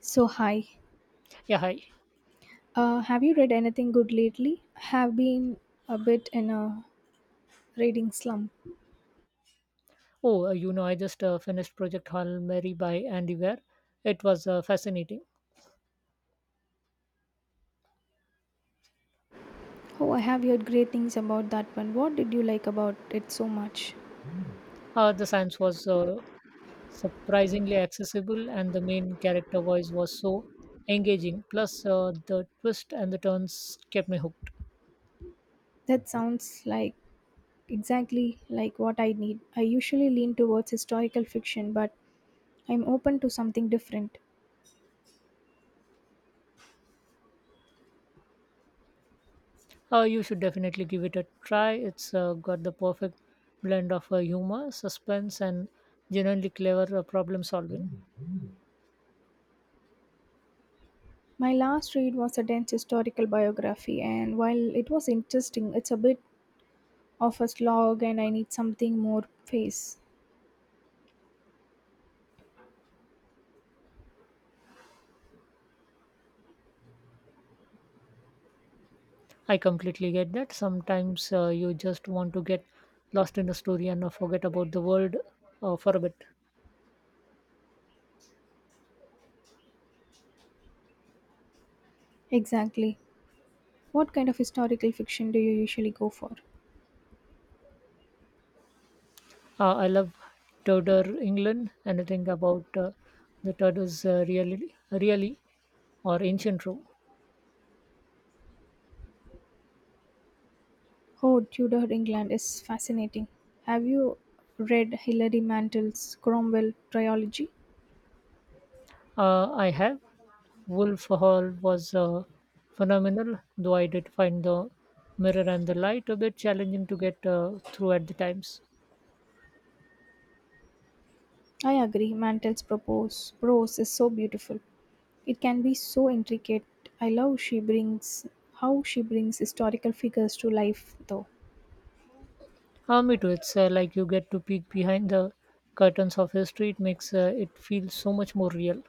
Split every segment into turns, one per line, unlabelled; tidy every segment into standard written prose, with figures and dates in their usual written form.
So hi,
Yeah, hi.
have you read anything good lately? Have been a bit in a reading slump.
Oh, I just finished Project Hail Mary by Andy Weir. It was fascinating.
Oh, I have heard great things about that one. What did you like about it so much?
The science was surprisingly accessible, and the main character voice was so engaging. Plus, the twists and the turns kept me hooked.
That sounds like exactly like what I need. I usually lean towards historical fiction, but I'm open to something different.
You should definitely give it a try. It's got the perfect blend of humor, suspense, and genuinely clever problem solving.
My last read was a dense historical biography, and while it was interesting, it's a bit of a slog, and I need something more face.
I completely get that. Sometimes you just want to get lost in the story and forget about the world for a bit.
Exactly. What kind of historical fiction do you usually go for?
I love Tudor England. Anything about the Tudors really, really, or ancient Rome?
Oh, Tudor England is fascinating. Have you read Hilary Mantel's Cromwell trilogy?
I have. Wolf Hall was phenomenal, though I did find the mirror and the light a bit challenging to get through at the times.
I agree, prose is so beautiful. It can be so intricate. I love she brings how she brings historical figures to life though.
Ah, me too. It's like you get to peek behind the curtains of history. It makes it feel so much more real.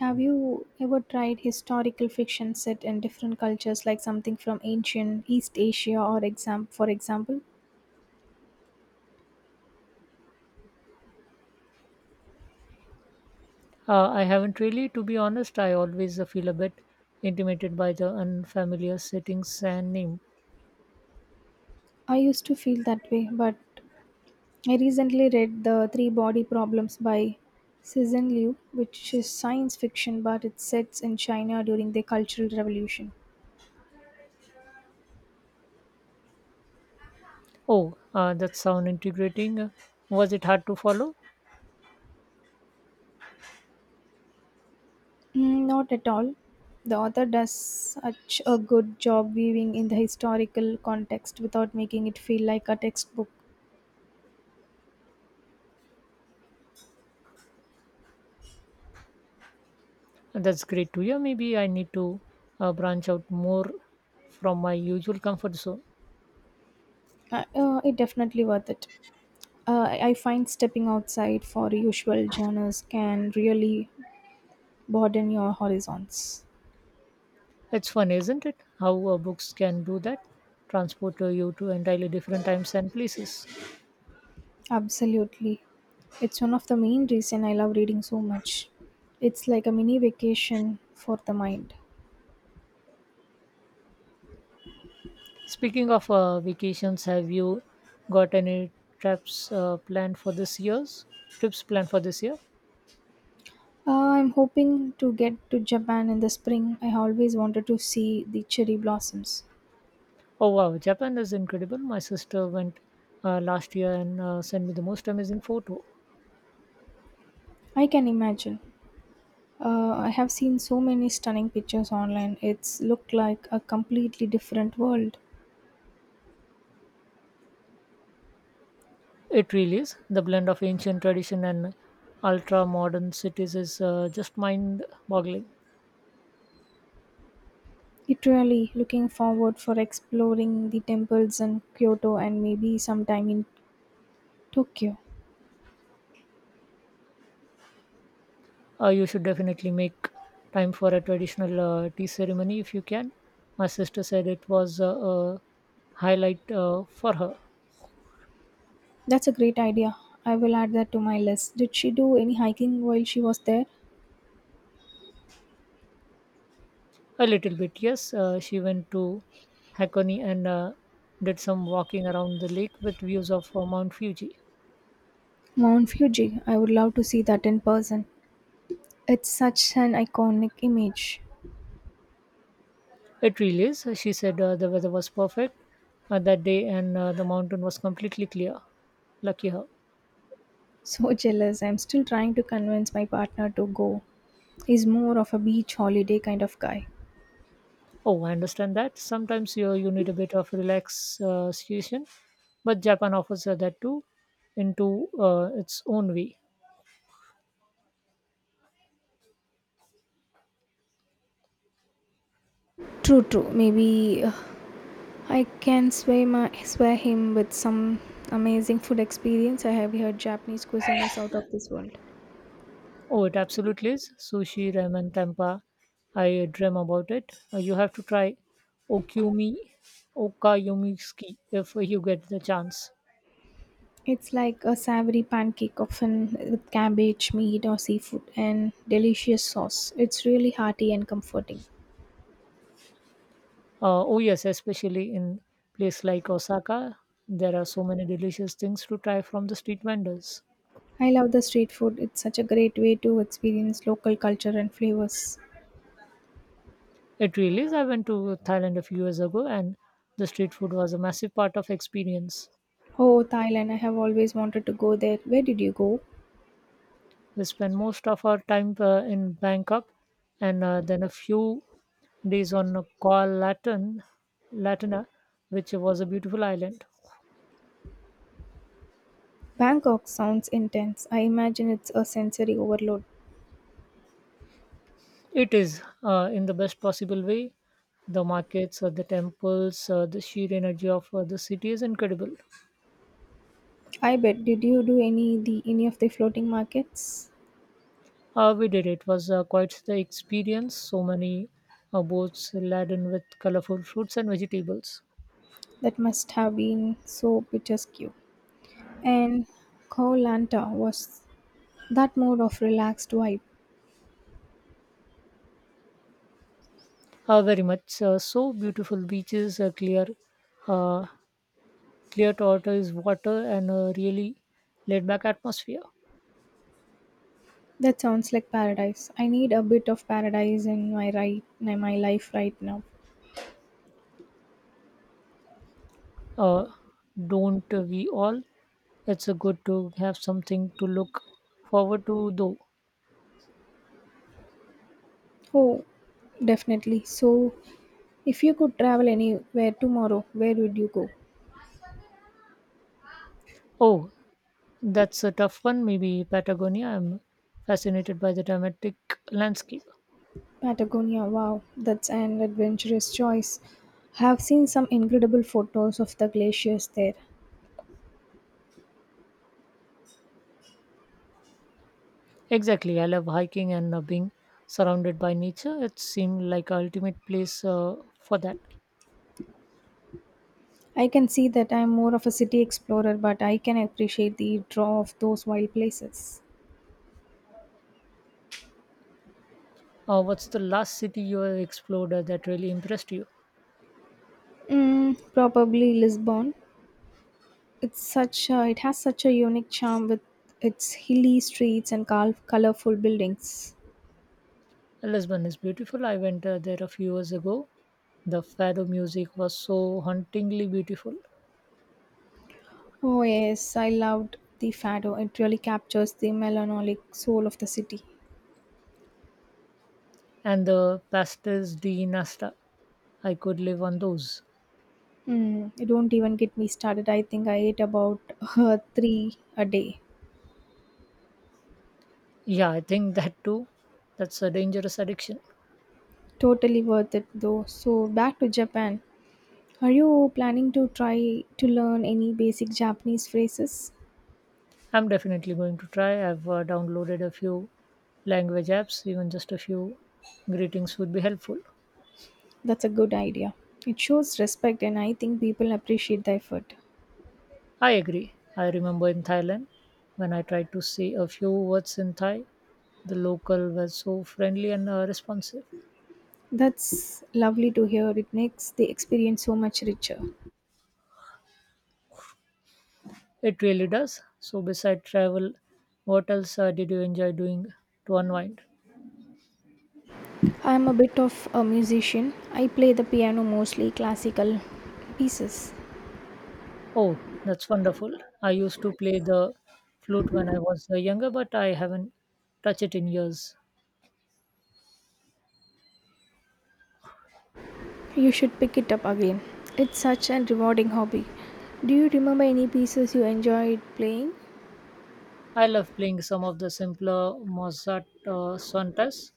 Have you ever tried historical fiction set in different cultures like something from ancient East Asia or exam for example?
I haven't really, to be honest. I always feel a bit intimidated by the unfamiliar settings and name.
I used to feel that way, but I recently read The Three Body Problems by Cezanne Liu, which is science fiction but it sets in China during the Cultural Revolution.
Oh, that sound integrating. Was it hard to follow?
Mm, not at all. The author does such a good job weaving in the historical context without making it feel like a textbook.
That's great to hear. Maybe I need to branch out more from my usual comfort zone.
It definitely worth it. I find stepping outside for usual genres can really broaden your horizons.
It's fun, isn't it? How books can do that, transport you to entirely different times and places.
Absolutely. It's one of the main reason I love reading so much. It's like a mini vacation for the mind.
Speaking of vacations, have you got any trips planned for this year's trips planned for this year?
Uh, I'm hoping to get to Japan in the spring. I always wanted to see the cherry blossoms.
Oh wow, Japan is incredible. My sister went last year and sent me the most amazing photo.
I can imagine. I have seen so many stunning pictures online. It's looked like a completely different world.
It really is. The blend of ancient tradition and ultra modern cities is just mind boggling.
It really looking forward for exploring the temples in Kyoto and maybe sometime in Tokyo.
You should definitely make time for a traditional tea ceremony if you can. My sister said it was a highlight for her.
That's a great idea. I will add that to my list. Did she do any hiking while she was there?
A little bit, yes. She went to Hakone and did some walking around the lake with views of Mount Fuji.
Mount Fuji. I would love to see that in person. It's such an iconic image.
It really is. She said the weather was perfect that day and the mountain was completely clear. Lucky her.
So jealous. I'm still trying to convince my partner to go. He's more of a beach holiday kind of guy.
Oh, I understand that. Sometimes you need a bit of relaxation, but Japan offers that too into its own way.
True, true. Maybe I can sway him with some amazing food experience. I have heard Japanese cuisine is out of this world.
Oh, it absolutely is. Sushi, ramen, tempura. I dream about it. You have to try Okumi, Okayumiki if you get the chance.
It's like a savory pancake, often with cabbage, meat, or seafood, and delicious sauce. It's really hearty and comforting.
Oh yes, especially in place like Osaka, there are so many delicious things to try from the street vendors.
I love the street food. It's such a great way to experience local culture and flavors.
It really is. I went to Thailand a few years ago, and the street food was a massive part of experience.
Oh, Thailand, I have always wanted to go there. Where did you go?
We spend most of our time in Bangkok and then a few days on Latina, which was a beautiful island.
Bangkok sounds intense. I imagine it's a sensory overload.
It is in the best possible way. The markets, the temples, the sheer energy of the city is incredible.
I bet. Did you do any of the floating markets?
We did it was quite the experience. So many boats laden with colorful fruits and vegetables.
That must have been so picturesque. And Koh Lanta was that mode of relaxed vibe.
Very much so beautiful beaches, uh, clear tortoise water and a really laid back atmosphere.
That sounds like paradise. I need a bit of paradise in my right in my life right now.
Uh, don't we all? It's a good to have something to look forward to, though.
Oh, definitely. So, if you could travel anywhere tomorrow, where would you go?
Oh, that's a tough one. Maybe Patagonia. I'm fascinated by the dramatic landscape.
Patagonia. Wow, that's an adventurous choice. Have seen some incredible photos of the glaciers there.
Exactly. I love hiking and being surrounded by nature. It seemed like a ultimate place for that.
I can see that I'm more of a city explorer, but I can appreciate the draw of those wild places.
What's the last city you have explored that really impressed you?
Mm, probably Lisbon. It has such a unique charm with its hilly streets and colorful buildings.
Lisbon is beautiful. I went there a few years ago. The fado music was so hauntingly beautiful,
Oh yes, I loved the fado. It really captures the melancholic soul of the city.
and the pastes de nasta. I could live on those.
Hmm, don't even get me started. I think I ate about three a day.
Yeah, I think that too. That's a dangerous addiction.
Totally worth it though. So back to Japan. Are you planning to try to learn any basic Japanese phrases?
I'm definitely going to try. I've downloaded a few language apps. Even just a few greetings would be helpful.
That's a good idea. It shows respect and I think people appreciate the effort.
I agree. I remember in Thailand when I tried to say a few words in Thai, the local were so friendly and responsive.
That's lovely to hear. It makes the experience so much richer.
It really does. So, beside travel, what else did you enjoy doing to unwind?
I'm a bit of a musician. I play the piano mostly classical pieces.
Oh, that's wonderful. I used to play the flute when I was younger, but I haven't touched it in years.
You should pick it up again. It's such a rewarding hobby. Do you remember any pieces you enjoyed playing?
I love playing some of the simpler Mozart sonatas.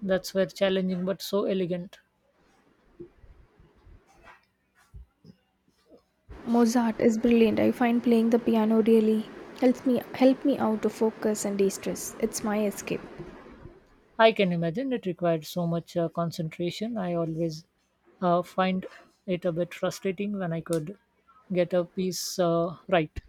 That's were challenging but so elegant.
Mozart is brilliant. I find playing the piano really helps me help me out to focus and de-stress. It's my escape.
I can imagine it required so much concentration. I always find it a bit frustrating when I could get a piece right.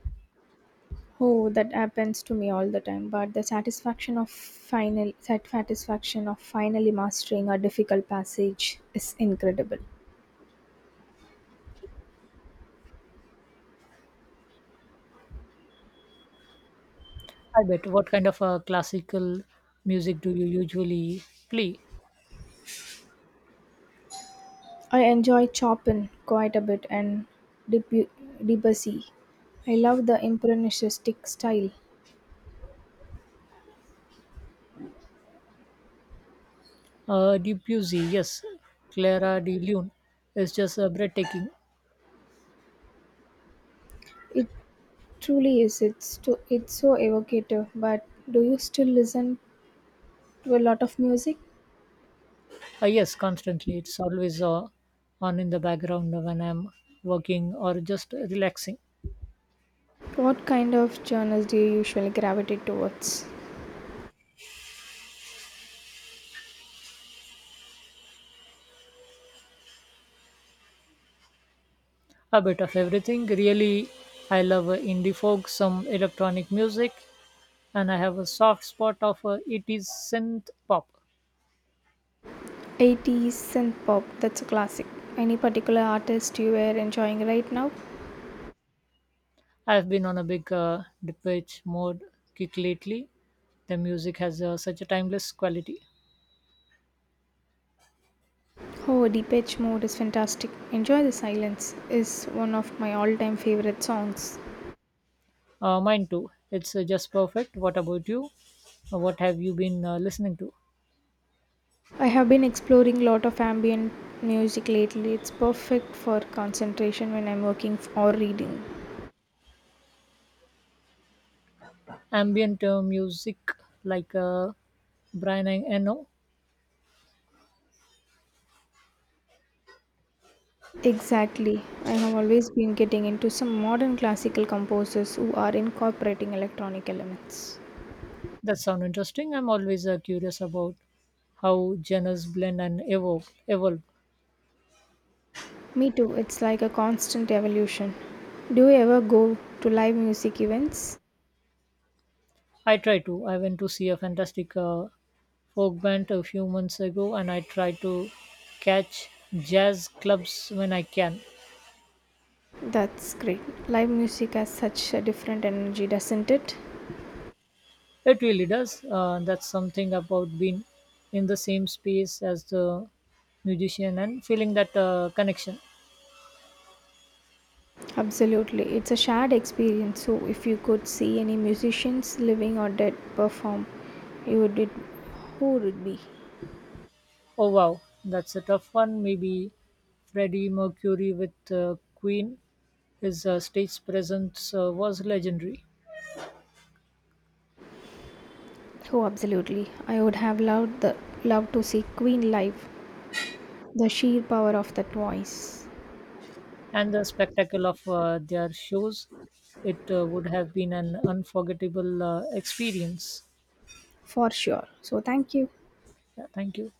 Oh, that happens to me all the time. But the satisfaction of finally mastering a difficult passage is incredible.
I bet. What kind of classical music do you usually play?
I enjoy Chopin quite a bit and Debu- Debussy. I love the impressionistic style.
Debussy, yes. Clara de Lune is just breathtaking.
It truly is. It's so evocative. But do you still listen to a lot of music?
Yes, constantly. It's always on in the background when I'm working or just relaxing.
What kind of genres do you usually gravitate towards?
A bit of everything. Really, I love indie folk, some electronic music, and I have a soft spot of 80s synth pop.
80s and pop, that's a classic. Any particular artist you are enjoying right now?
I've been on a big depeche mode kick lately. The music has such a timeless quality.
Oh, Depeche Mode is fantastic. Enjoy the Silence is one of my all-time favorite songs.
Mine too. It's just perfect. What about you? What have you been listening to?
I have been exploring a lot of ambient music lately. It's perfect for concentration when I'm working or reading.
Ambient music like Brian Eno.
Exactly. I have always been getting into some modern classical composers who are incorporating electronic elements.
That sounds interesting. I'm always curious about how genres blend and evolve.
Me too, it's like a constant evolution. Do you ever go to live music events?
I try to. I went to see a fantastic Oakband a few months ago, and I try to catch jazz clubs when I can.
That's great. Live music has such a different energy, doesn't it?
It really does. That's something about being in the same space as the musician and feeling that connection.
Absolutely. It's a shared experience. So, if you could see any musicians, living or dead, perform, you would it, who would it be?
Oh wow, that's a tough one. Maybe Freddie Mercury with Queen. His stage presence was legendary,
Oh, absolutely. I would have loved the loved to see Queen live. The sheer power of that voice,
and the spectacle of their shows. It would have been an unforgettable experience.
for sure. So, thank you.
Yeah, thank you.